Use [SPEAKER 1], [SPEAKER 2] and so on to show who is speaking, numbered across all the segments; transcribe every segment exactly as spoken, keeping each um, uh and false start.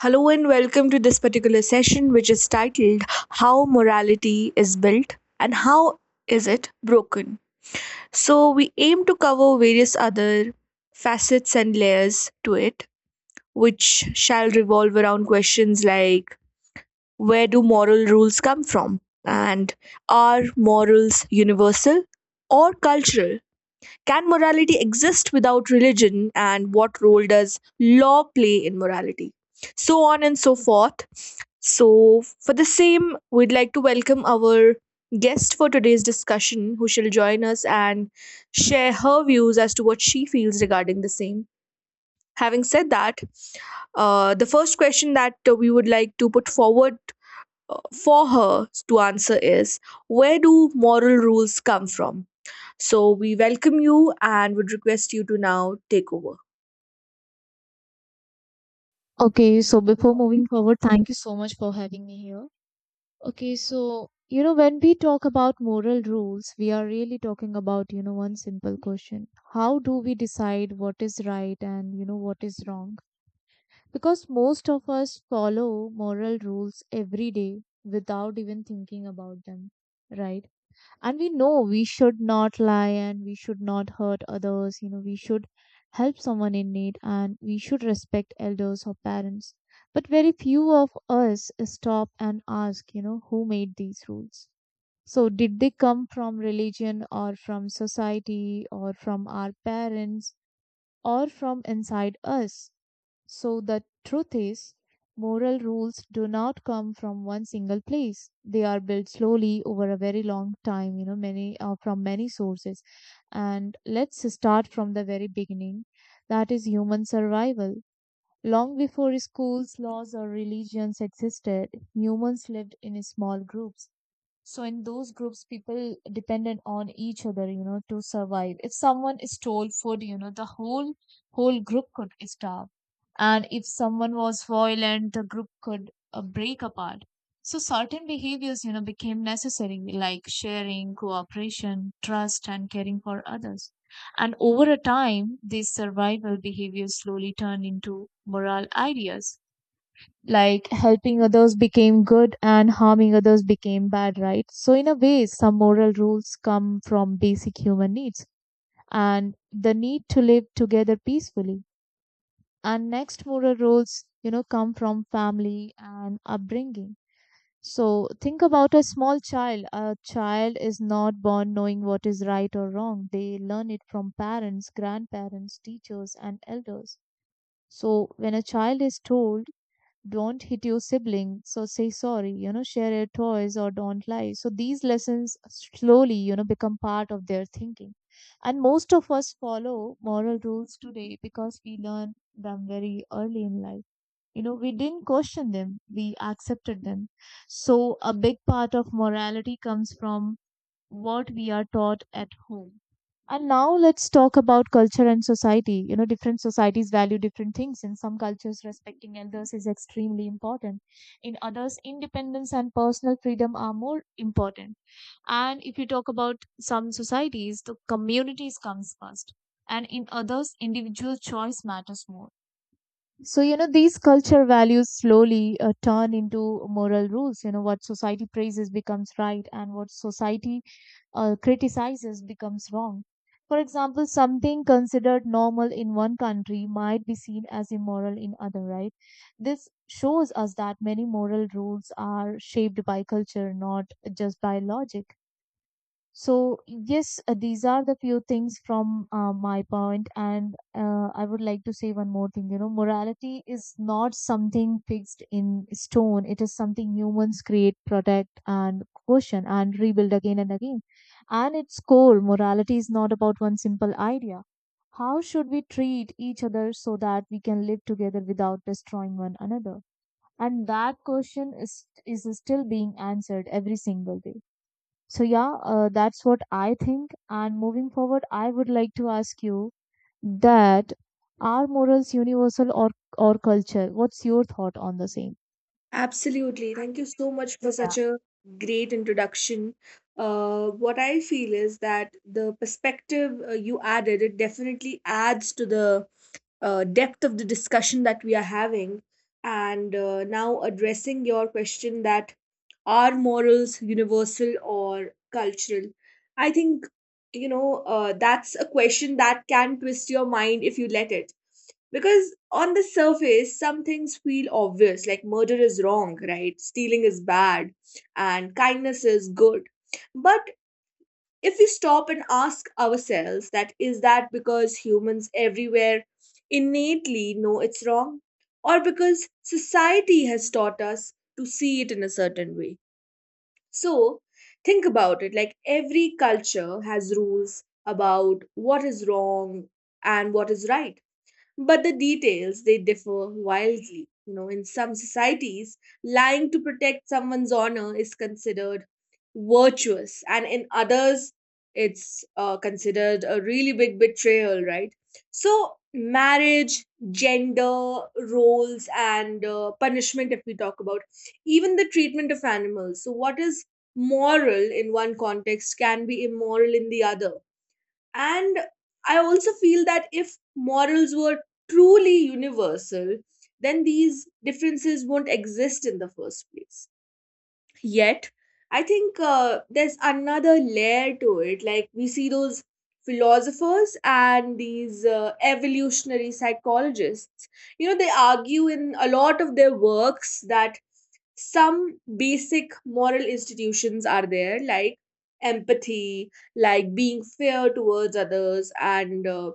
[SPEAKER 1] Hello and welcome to this particular session, which is titled How Morality is Built and How Is It Broken. So, we aim to cover various other facets and layers to it, which shall revolve around questions like, where do moral rules come from? And are morals universal or cultural? Can morality exist without religion? And what role does law play in morality? So on and so forth. So, for the same, we'd like to welcome our guest for today's discussion, who shall join us and share her views as to what she feels regarding the same. Having said that, uh, the first question that uh, we would like to put forward uh, for her to answer is, where do moral rules come from? So, we welcome you and would request you to now take over.
[SPEAKER 2] Okay, so before moving forward, thank you so much for having me here. Okay, so you know, when we talk about moral rules, we are really talking about, you know, one simple question. How do we decide what is right and, you know, what is wrong? Because most of us follow moral rules every day without even thinking about them, right? And we know we should not lie and we should not hurt others. You know we should help someone in need and we should respect elders or parents. But very few of us stop and ask, you know who made these rules? So did they come from religion or from society or from our parents or from inside us? So the truth is, moral rules do not come from one single place. They are built slowly over a very long time, you know, many uh, from many sources. And let's start from the very beginning. That is human survival. Long before schools, laws, or religions existed, humans lived in small groups. So in those groups, people depended on each other, you know, to survive. If someone stole food, you know, the whole whole group could starve. And if someone was violent, the group could uh, break apart. So certain behaviors, you know, became necessary, like sharing, cooperation, trust, and caring for others. And over a time, these survival behaviors slowly turned into moral ideas, like helping others became good and harming others became bad, right? So, in a way, some moral rules come from basic human needs and the need to live together peacefully. And next, moral rules, you know, come from family and upbringing. So, think about a small child. A child is not born knowing what is right or wrong. They learn it from parents, grandparents, teachers, and elders. So, when a child is told don't hit your sibling, so say sorry, you know share your toys or don't lie, so these lessons slowly you know become part of their thinking. And most of us follow moral rules today because we learn them very early in life. You know we didn't question them, we accepted them. So a big part of morality comes from what we are taught at home. And now let's talk about culture and society. You know, different societies value different things. In some cultures, respecting elders is extremely important. In others, independence and personal freedom are more important. And if you talk about some societies, the communities comes first. And in others, individual choice matters more. So, you know, these culture values slowly uh, turn into moral rules. You know, what society praises becomes right, and what society uh, criticizes becomes wrong. For example, something considered normal in one country might be seen as immoral in other, right? This shows us that many moral rules are shaped by culture, not just by logic. So, yes, uh, these are the few things from uh, my point, and uh, I would like to say one more thing. You know, morality is not something fixed in stone, it is something humans create, protect, and question and rebuild again and again. And its core, morality is not about one simple idea. How should we treat each other so that we can live together without destroying one another? And that question is, is still being answered every single day. So yeah, uh, that's what I think. And moving forward, I would like to ask you that are morals universal or or culture? What's your thought on the same?
[SPEAKER 1] Absolutely. Thank you so much for such
[SPEAKER 2] Yeah.
[SPEAKER 1] a great introduction. Uh, what I feel is that the perspective uh, you added, it definitely adds to the uh, depth of the discussion that we are having. And uh, now addressing your question that, are morals universal or cultural? I think, you know, uh, that's a question that can twist your mind if you let it. Because on the surface, some things feel obvious, like murder is wrong, right? Stealing is bad, and kindness is good. But if we stop and ask ourselves, that is that because humans everywhere innately know it's wrong, or because society has taught us to see it in a certain way? So think about it, like every culture has rules about what is wrong and what is right, but the details, they differ wildly, you know in some societies, lying to protect someone's honor is considered virtuous, and in others, it's uh, considered a really big betrayal, right? So marriage, gender roles, and uh, punishment, if we talk about, even the treatment of animals, so what is moral in one context can be immoral in the other. And I also feel that if morals were truly universal, then these differences won't exist in the first place. Yet, I think uh, there's another layer to it. Like, we see those philosophers and these uh, evolutionary psychologists, you know, they argue in a lot of their works that some basic moral institutions are there, like empathy, like being fair towards others, and uh,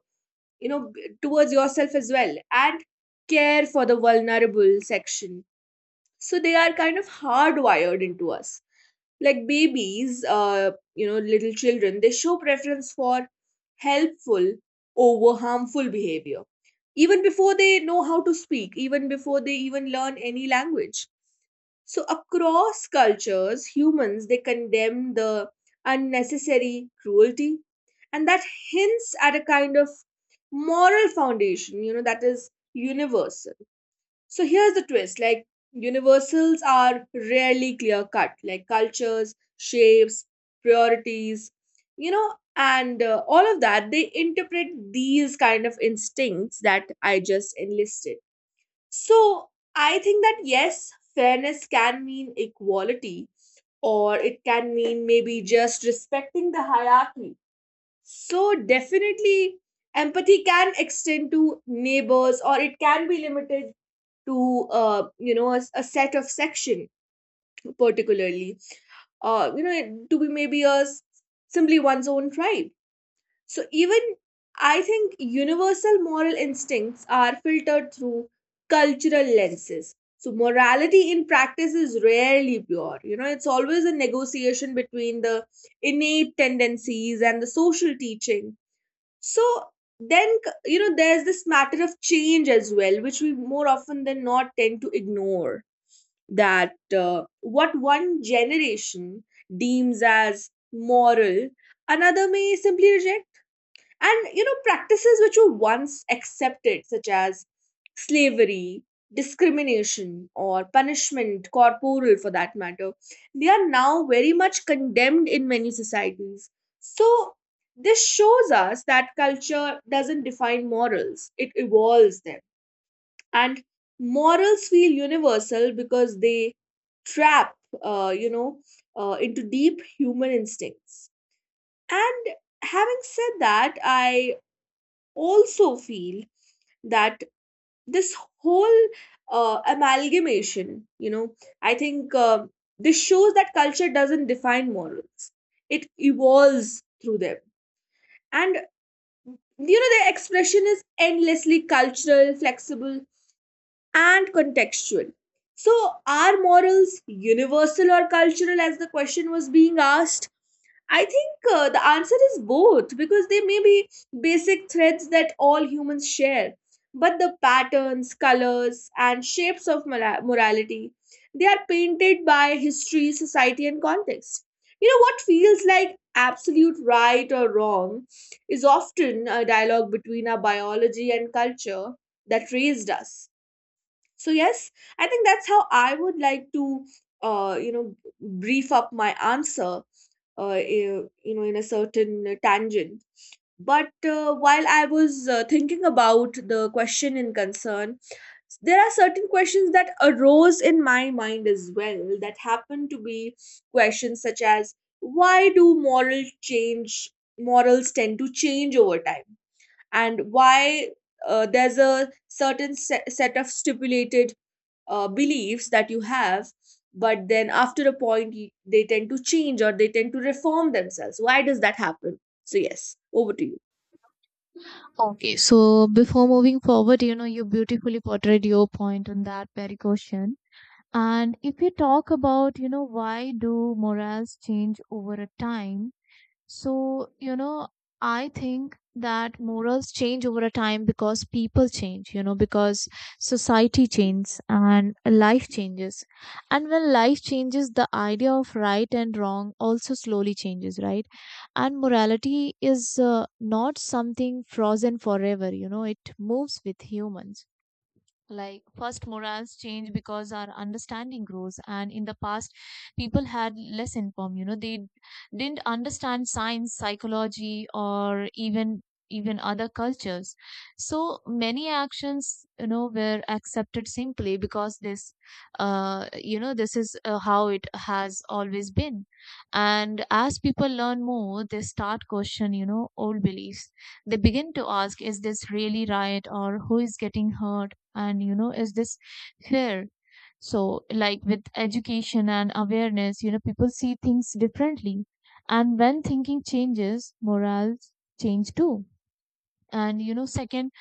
[SPEAKER 1] you know b- towards yourself as well, and care for the vulnerable section. So they are kind of hardwired into us, like babies, uh you know little children, they show preference for helpful over harmful behavior, even before they know how to speak, even before they even learn any language. So across cultures, humans, they condemn the unnecessary cruelty, and that hints at a kind of moral foundation, you know that is universal. So here's the twist, like universals are rarely clear cut, like cultures, shapes, priorities, you know, and uh, all of that, they interpret these kind of instincts that I just enlisted. So I think that, yes, fairness can mean equality, or it can mean maybe just respecting the hierarchy. So definitely, empathy can extend to neighbors, or it can be limited to uh, you know a, s- a set of section, particularly, uh, you know it- to be maybe a s- simply one's own tribe. So even, I think, universal moral instincts are filtered through cultural lenses. So morality in practice is rarely pure, you know it's always a negotiation between the innate tendencies and the social teachings. So then, you know, there's this matter of change as well, which we more often than not tend to ignore. That uh, what one generation deems as moral, another may simply reject. And you know, practices which were once accepted, such as slavery, discrimination, or punishment, corporal for that matter, they are now very much condemned in many societies. So, this shows us that culture doesn't define morals, it evolves them. And morals feel universal because they trap, uh, you know, uh, into deep human instincts. And having said that, I also feel that this whole uh, amalgamation, you know, I think, uh, this shows that culture doesn't define morals, it evolves through them. And, you know, their expression is endlessly cultural, flexible, and contextual. So, are morals universal or cultural, as the question was being asked? I think uh, the answer is both, because they may be basic threads that all humans share, but the patterns, colors, and shapes of mora- morality, they are painted by history, society, and context. You know what feels like absolute right or wrong is often a dialogue between our biology and culture that raised us. So yes, I think that's how I would like to, uh, you know, brief up my answer, uh, you know in a certain tangent. But uh, while I was uh, thinking about the question in concern, there are certain questions that arose in my mind as well, that happen to be questions such as, why do moral change? Morals tend to change over time. And why uh, there's a certain se- set of stipulated uh, beliefs that you have, but then after a point, you, they tend to change, or they tend to reform themselves. Why does that happen? So yes, over to you.
[SPEAKER 2] Okay. So before moving forward, you know, you beautifully portrayed your point on that very question. And if you talk about, you know, why do morals change over a time? So, you know, I think that morals change over a time because people change, you know, because society changes and life changes. And when life changes, the idea of right and wrong also slowly changes, right? And morality is uh, not something frozen forever, you know, it moves with humans. Like first morals change because our understanding grows, and in the past people had less informed. You know they d- didn't understand science, psychology, or even even other cultures. So many actions you know were accepted simply because this uh you know this is uh, how it has always been. And as people learn more they start question, you know old beliefs. They begin to ask, is this really right, or who is getting hurt, and you know is this fair? So like with education and awareness, you know people see things differently. And when thinking changes, morals change too. And you know second,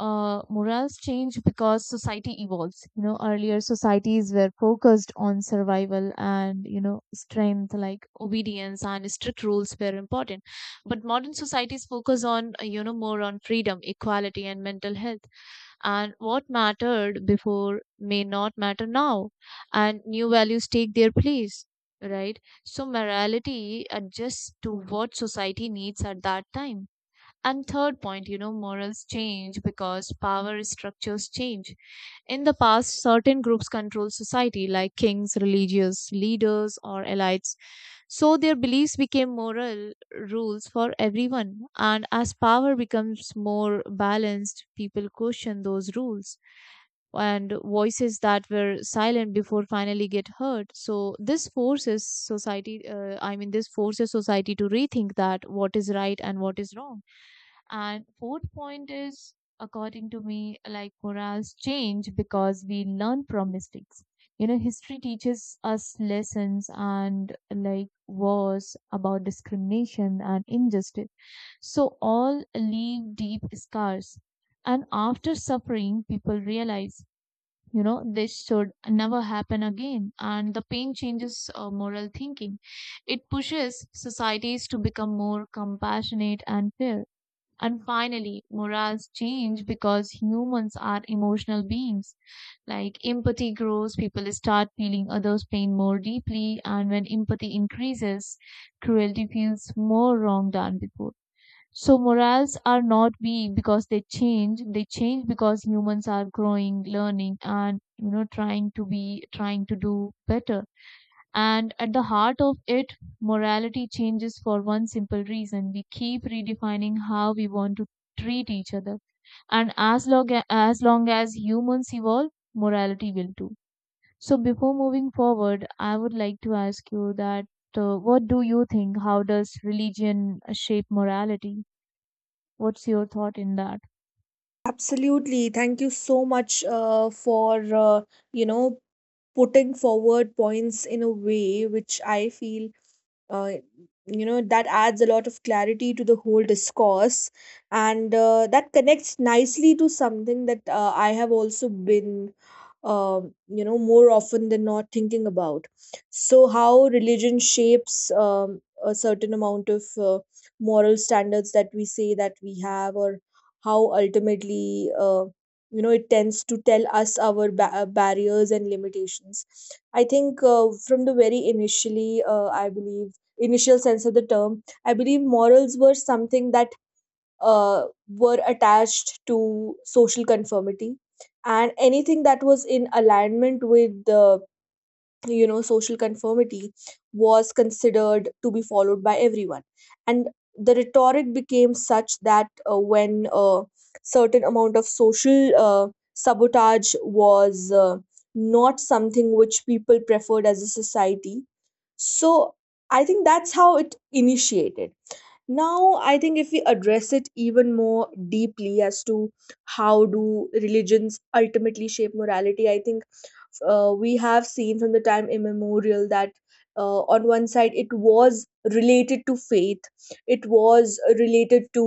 [SPEAKER 2] uh, morals change because society evolves. You know, earlier societies were focused on survival and you know strength, like obedience and strict rules were important. But modern societies focus on uh, you know more on freedom, equality, and mental health. And what mattered before may not matter now, and new values take their place, right? So morality adjusts to what society needs at that time. And third point, you know morals change because power structures change. In the past, certain groups controlled society, like kings, religious leaders, or elites. So their beliefs became moral rules for everyone. And as power becomes more balanced, people question those rules. And voices that were silent before finally get heard. So this forces society, uh, I mean, this forces society to rethink that what is right and what is wrong. And fourth point is, according to me, like morals change because we learn from mistakes. You know, history teaches us lessons and like wars about discrimination and injustice. So all leave deep scars. And after suffering, people realize, you know, this should never happen again. And the pain changes uh, moral thinking. It pushes societies to become more compassionate and fair. And finally, morals change because humans are emotional beings. Like empathy grows, people start feeling others' pain more deeply, and when empathy increases, cruelty feels more wrong than before. So morals are not weak because they change. They change because humans are growing, learning, and you know trying to be trying to do better. And at the heart of it, morality changes for one simple reason. We keep redefining how we want to treat each other. And as long as, as long as humans evolve, morality will too. So before moving forward, I would like to ask you that uh, what do you think? How does religion shape morality? What's your thought in that?
[SPEAKER 1] Absolutely. Thank you so much uh, for uh, you know putting forward points in a way which I feel uh, you know that adds a lot of clarity to the whole discourse. And uh, that connects nicely to something that uh, I have also been um, you know more often than not thinking about. So how religion shapes um, a certain amount of uh, moral standards that we say that we have, or how ultimately uh, you know it tends to tell us our ba- uh, barriers and limitations. I think uh, from the very, initially uh, I believe, initial sense of the term. I believe morals were something that uh, were attached to social conformity, and anything that was in alignment with the you know social conformity was considered to be followed by everyone. And the rhetoric became such that uh, when a certain amount of social uh, sabotage was uh, not something which people preferred as a society. So I think that's how it initiated. Now I think if we address it even more deeply as to how do religions ultimately shape morality, I think uh, we have seen from the time immemorial that uh, on one side it was related to faith, it was related to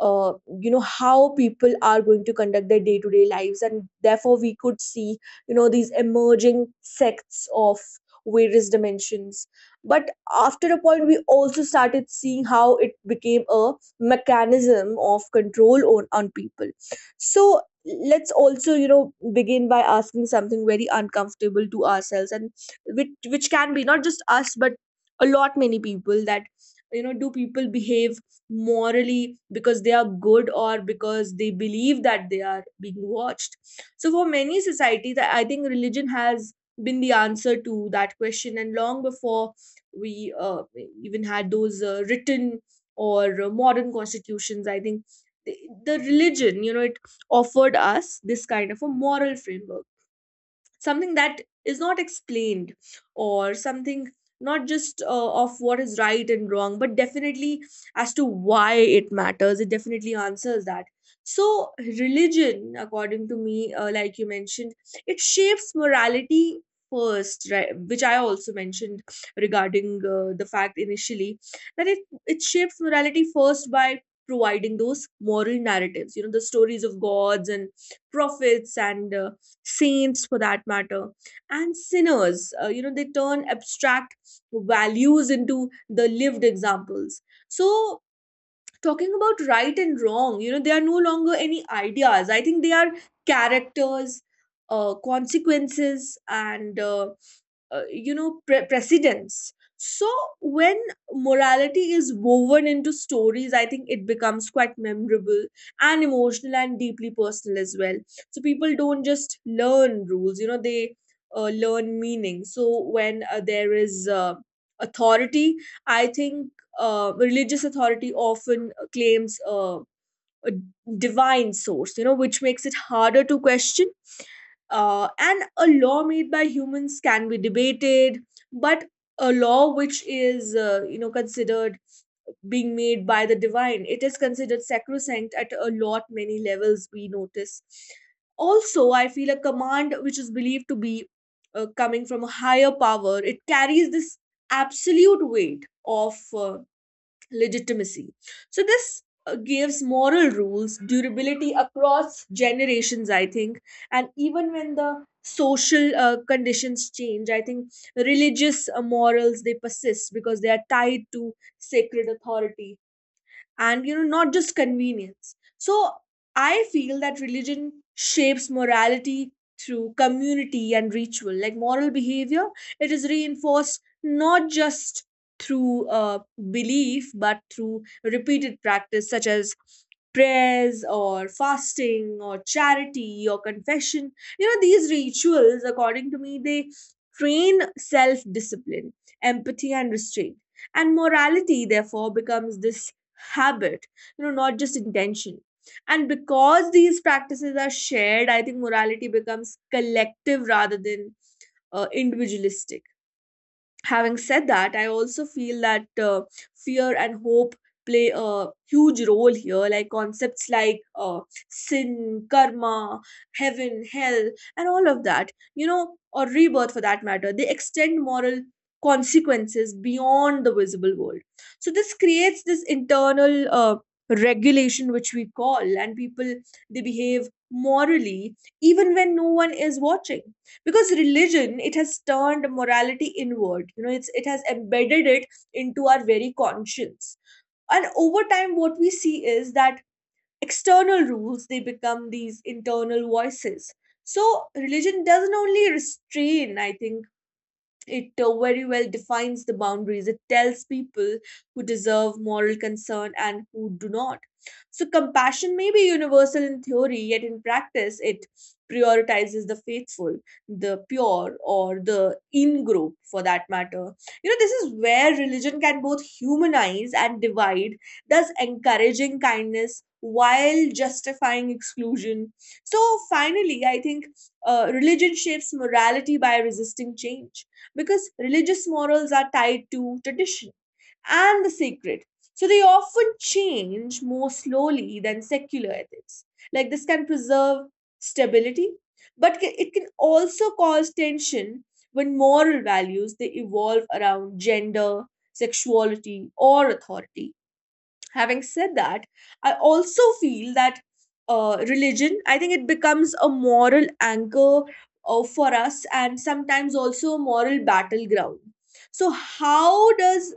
[SPEAKER 1] uh, you know how people are going to conduct their day-to-day lives, and therefore we could see you know these emerging sects of various dimensions. But after a point, we also started seeing how it became a mechanism of control on, on people. So let's also you know begin by asking something very uncomfortable to ourselves, and which which can be not just us but a lot many people, that, you know do people behave morally because they are good, or because they believe that they are being watched? So for many societies, i I think religion has been the answer to that question. And long before we uh, even had those uh, written or uh, modern constitutions, I think the, the religion, you know it offered us this kind of a moral framework. Something that is not explained, or something not just uh, of what is right and wrong, but definitely as to why it matters. It definitely answers that. So religion, according to me, uh, like you mentioned, it shapes morality first, right, which I also mentioned regarding uh, the fact initially that it it shapes morality first by providing those moral narratives, you know the stories of gods and prophets, and uh, saints for that matter, and sinners, uh, you know they turn abstract values into the lived examples. So talking about right and wrong, you know they are no longer any ideas, I think they are characters, uh, consequences, and uh, uh, you know pre- precedence. So when morality is woven into stories, I think it becomes quite memorable, and emotional, and deeply personal as well. So people don't just learn rules, you know they uh, learn meaning. So when uh, there is uh, authority, I think uh, religious authority often claims uh, a divine source, you know which makes it harder to question. Uh, and a law made by humans can be debated, but a law which is, uh, you know, considered being made by the divine, it is considered sacrosanct at a lot many levels. We notice. Also, I feel a command which is believed to be uh, coming from a higher power. It carries this absolute weight of uh, legitimacy. So this uh, gives moral rules durability across generations, I think, and even when the social uh, conditions change, I think religious uh, morals, they persist because they are tied to sacred authority and you know, not just convenience. So I feel that religion shapes morality through community and ritual. Like, moral behavior, it is reinforced not just through uh, belief but through repeated practice such as prayers or fasting or charity or confession. You know, these rituals, according to me, they train self discipline, empathy and restraint, and morality therefore becomes this habit, you know, not just intention. And because these practices are shared, I think morality becomes collective rather than uh, individualistic. Having said that, I also feel that uh, fear and hope play a huge role here. Like concepts like uh, sin, karma, heaven, hell and all of that, you know, or rebirth for that matter, they extend moral consequences beyond the visible world. So this creates this internal uh, regulation which we call, and people, they behave morally even when no one is watching, because religion, it has turned morality inward. You know, it's it has embedded it into our very conscience. And over time what we see is that external rules, they become these internal voices. So religion doesn't only restrain, I think it uh, very well defines the boundaries. It tells people who deserve moral concern and who do not. So compassion may be universal in theory, yet in practice, it prioritizes the faithful, the pure, or the in group for that matter. You know, this is where religion can both humanize and divide, thus encouraging kindness while justifying exclusion. So finally, I think uh, religion shapes morality by resisting change because religious morals are tied to tradition and the sacred. So they often change more slowly than secular ethics. Like, this can preserve stability, but ca- it can also cause tension when moral values, they evolve around gender, sexuality, or authority. Having said that, I also feel that uh, religion, I think it becomes a moral anchor uh, for us and sometimes also a moral battleground. So how does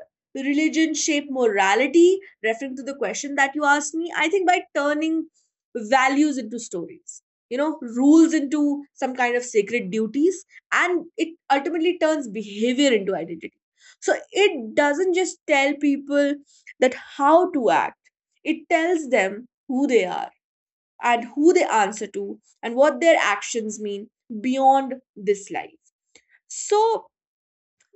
[SPEAKER 1] religion shape morality, referring to the question that you asked me? I think by turning values into stories, you know, rules into some kind of sacred duties, and it ultimately turns behavior into identity. So it doesn't just tell people that how to act. It tells them who they are and who they answer to and what their actions mean beyond this life. So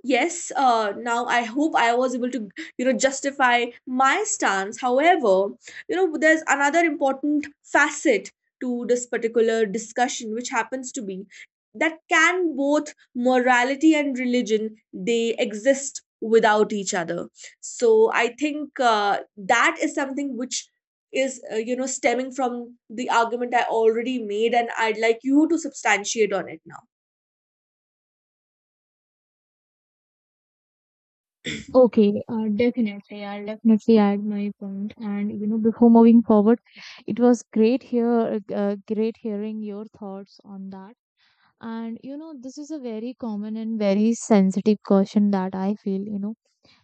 [SPEAKER 1] yes, uh, now I hope I was able to, you know, justify my stance. However, you know, there's another important facet to this particular discussion, which happens to be that can both morality and religion, they exist without each other? So I think uh, that is something which is uh, you know, stemming from the argument I already made, and I'd like you to substantiate on it now.
[SPEAKER 2] Okay, uh, definitely. I'll definitely add my point. And you know, before moving forward, it was great here, uh, great hearing your thoughts on that. And you know, this is a very common and very sensitive question that I feel. You know,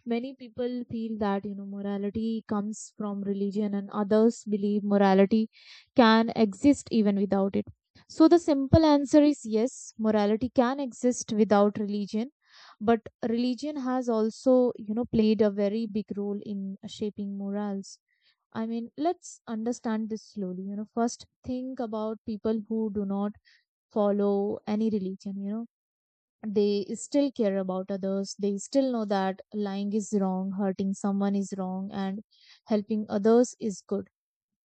[SPEAKER 2] many people feel that, you know, morality comes from religion, and others believe morality can exist even without it. So the simple answer is yes, morality can exist without religion, but religion has also, you know, played a very big role in shaping morals. I mean, let's understand this slowly. You know, first think about people who do not follow any religion. You know they still care about others, they still know that lying is wrong, hurting someone is wrong, and helping others is good.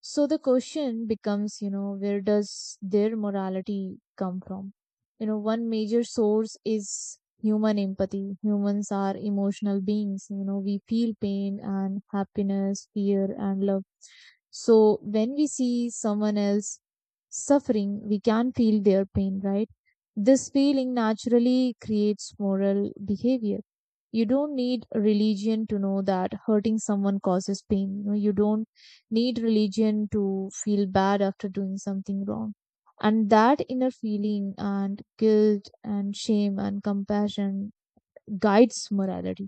[SPEAKER 2] So the question becomes, you know, where does their morality come from? You know, one major source is human empathy. Humans are emotional beings. You know, we feel pain and happiness, fear and love. So when we see someone else suffering, we can feel their pain, right? This feeling naturally creates moral behavior. You don't need religion to know that hurting someone causes pain. You know you don't need religion to feel bad after doing something wrong. And that inner feeling and guilt and shame and compassion guides morality.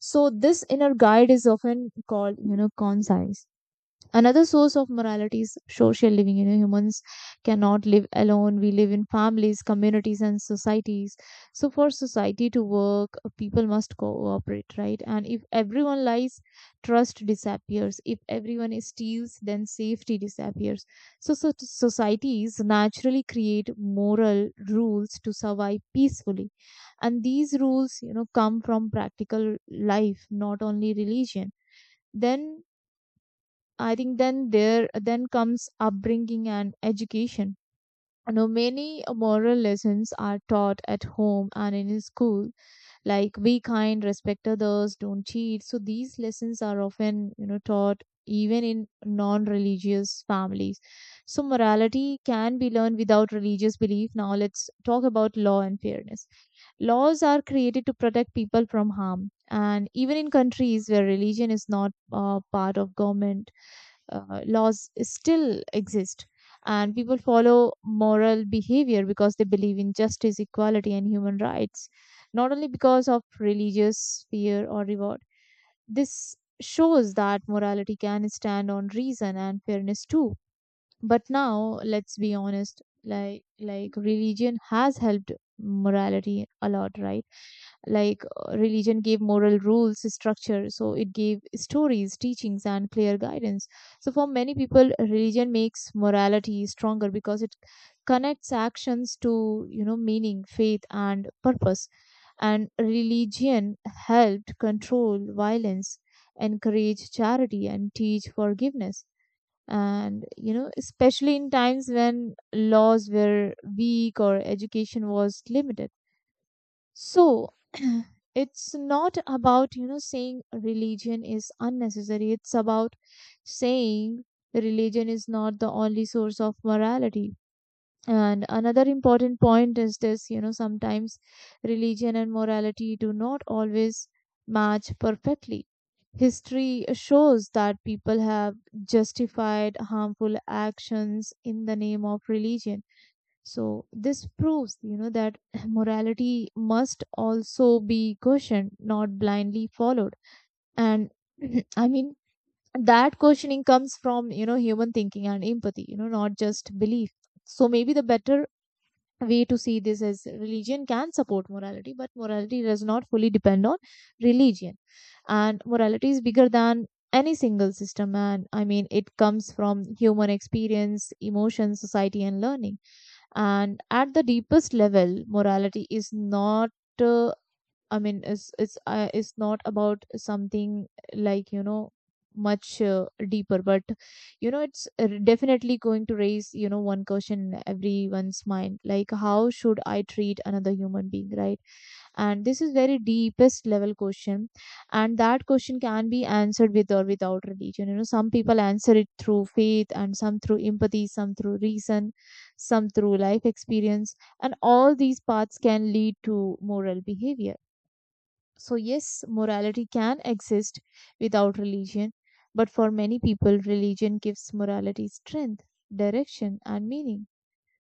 [SPEAKER 2] So this inner guide is often called you know conscience. Another source of morality is social living. You know, humans cannot live alone. We live in families, communities, and societies. So, for society to work, uh, people must cooperate, right? And if everyone lies, trust disappears. If everyone steals, then safety disappears. So, so societies naturally create moral rules to survive peacefully. And these rules, you know, come from practical life, not only religion. Then I think then there then comes upbringing and education. You know, many moral lessons are taught at home and in school, like be kind, respect others, don't cheat. So these lessons are often, you know, taught even in non-religious families. So morality can be learned without religious belief. Now let's talk about law and fairness. Laws are created to protect people from harm. And even in countries where religion is not uh, part of government, uh, laws still exist. And people follow moral behavior because they believe in justice, equality, and human rights, not only because of religious fear or reward. This shows that morality can stand on reason and fairness too. But now, let's be honest, like like religion has helped morality a lot, right? Like uh, religion gave moral rules, structure, so it gave stories, teachings, and clear guidance. So for many people, religion makes morality stronger because it connects actions to you know meaning, faith, and purpose. And religion helped control violence, encourage charity, and teach forgiveness, and you know especially in times when laws were weak or education was limited. So it's not about, you know, saying religion is unnecessary. It's about saying religion is not the only source of morality. And another important point is this, you know, sometimes religion and morality do not always match perfectly. History shows that people have justified harmful actions in the name of religion. So this proves, you know, that morality must also be questioned, not blindly followed. And I mean, that questioning comes from, you know, human thinking and empathy, you know, not just belief. So maybe the better way to see this is religion can support morality, but morality does not fully depend on religion. And morality is bigger than any single system. And I mean, it comes from human experience, emotion, society, and learning. And at the deepest level, morality is not uh, i mean is is uh, is not about something like you know much uh, deeper. But you know it's uh, definitely going to raise you know one question in everyone's mind, like how should I treat another human being, right? And this is very deepest level question. And that question can be answered with or without religion. You know, some people answer it through faith, and some through empathy, some through reason, some through life experience. And all these paths can lead to moral behavior. So yes, morality can exist without religion, but for many people religion gives morality strength, direction, and meaning.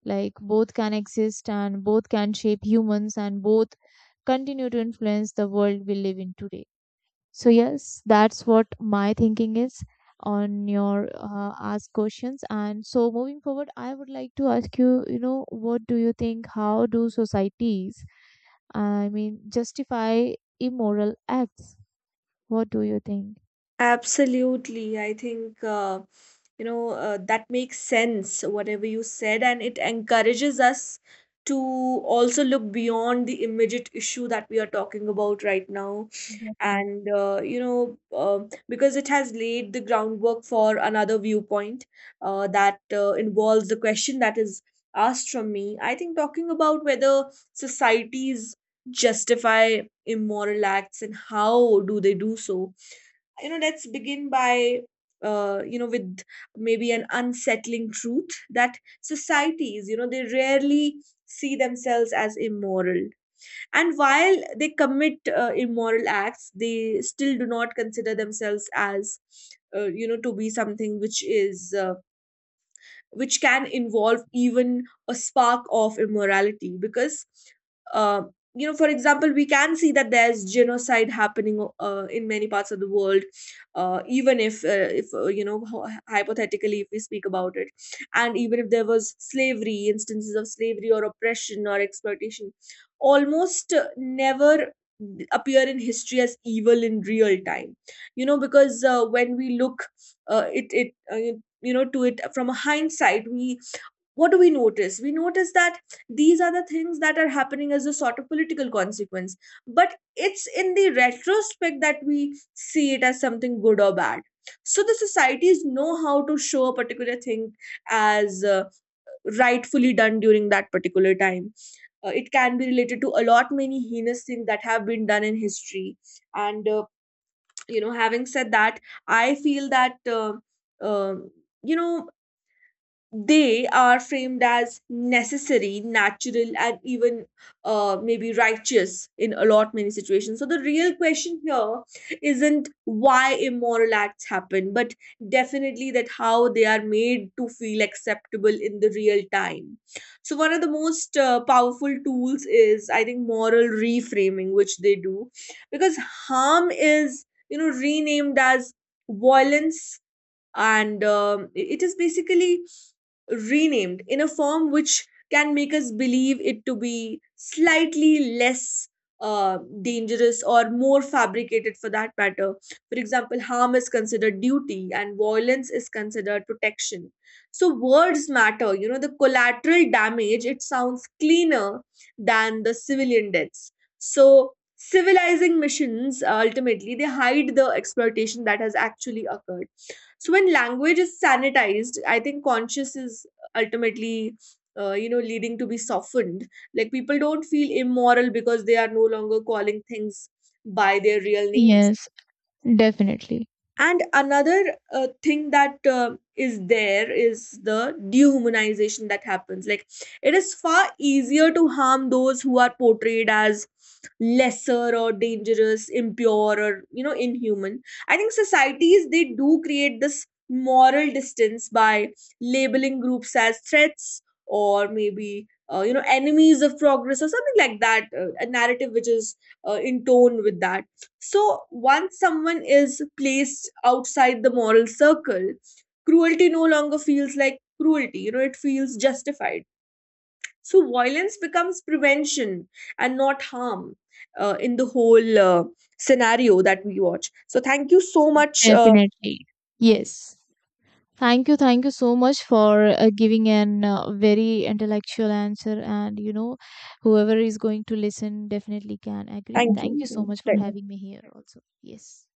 [SPEAKER 2] Like both can exist, and both can shape humans, and both continue to influence the world we live in today. So, yes, that's what my thinking is on your uh, ask questions. And so, moving forward, I would like to ask you, you know, what do you think? How do societies, I mean, justify immoral acts? What do you think?
[SPEAKER 1] Absolutely. I think, uh, you know, uh, that makes sense, whatever you said, and it encourages us to also look beyond the immediate issue that we are talking about right now.
[SPEAKER 2] Definitely.
[SPEAKER 1] And uh, you know, um because it has laid the groundwork for another viewpoint uh, that uh, involves the question that is asked from me. I think, talking about whether societies justify immoral acts and how do they do so, you know, let's begin by, uh, you know, with maybe an unsettling truth that societies, you know, they rarely see themselves as immoral. And while they commit uh, immoral acts, they still do not consider themselves as, uh, you know, to be something which is uh, which can involve even a spark of immorality. Because uh, you know, for example, we can see that there's genocide happening uh, in many parts of the world, uh, even if uh, if uh, you know, hy- hypothetically, if we speak about it. And even if there was slavery, instances of slavery or oppression or exploitation almost uh, never appear in history as evil in real time. You know, because uh, when we look uh, it it uh, you you know, to it from a hindsight, we, what do we notice? We notice that these are the things that are happening as a sort of political consequence, but it's in the retrospect that we see it as something good or bad. So the societies know how to show a particular thing as uh, rightfully done during that particular time. Uh, it can be related to a lot many heinous things that have been done in history. And uh, you know, having said that, I feel that uh, um you know, they are framed as necessary, natural and even uh, maybe righteous in a lot many situations. So the real question here isn't why immoral acts happen, but definitely that how they are made to feel acceptable in the real time. So one of the most uh, powerful tools is, I think, moral reframing which they do, because harm is, you know, renamed as violence. And um, it is basically renamed in a form which can make us believe it to be slightly less uh, dangerous or more fabricated for that matter. For example, harm is considered duty and violence is considered protection. So words matter. You know, the collateral damage, it sounds cleaner than the civilian deaths. So civilizing missions uh, ultimately they hide the exploitation that has actually occurred. So when language is sanitized, I think conscious is ultimately uh, you know, leading to be softened. Like, people don't feel immoral because they are no longer calling things by their real names.
[SPEAKER 2] Yes, definitely.
[SPEAKER 1] And another uh, thing that uh, is there is the dehumanization that happens. Like, it is far easier to harm those who are portrayed as lesser or dangerous, impure, or, you know, inhuman. I think societies, they do create this moral distance by labeling groups as threats or maybe, uh, you know, enemies of progress or something like that, uh, a narrative which is uh, in tone with that. So once someone is placed outside the moral circle, cruelty no longer feels like cruelty. You know, it feels justified. So violence becomes prevention and not harm uh, in the whole uh, scenario that we watch. So thank you so much. Uh,
[SPEAKER 2] Definitely. Yes. Thank you, thank you so much for uh, giving an uh, very intellectual answer. And you know, whoever is going to listen definitely can agree.
[SPEAKER 1] thank
[SPEAKER 2] Thank you so
[SPEAKER 1] you.
[SPEAKER 2] much for
[SPEAKER 1] Right.
[SPEAKER 2] having me here, also. Yes.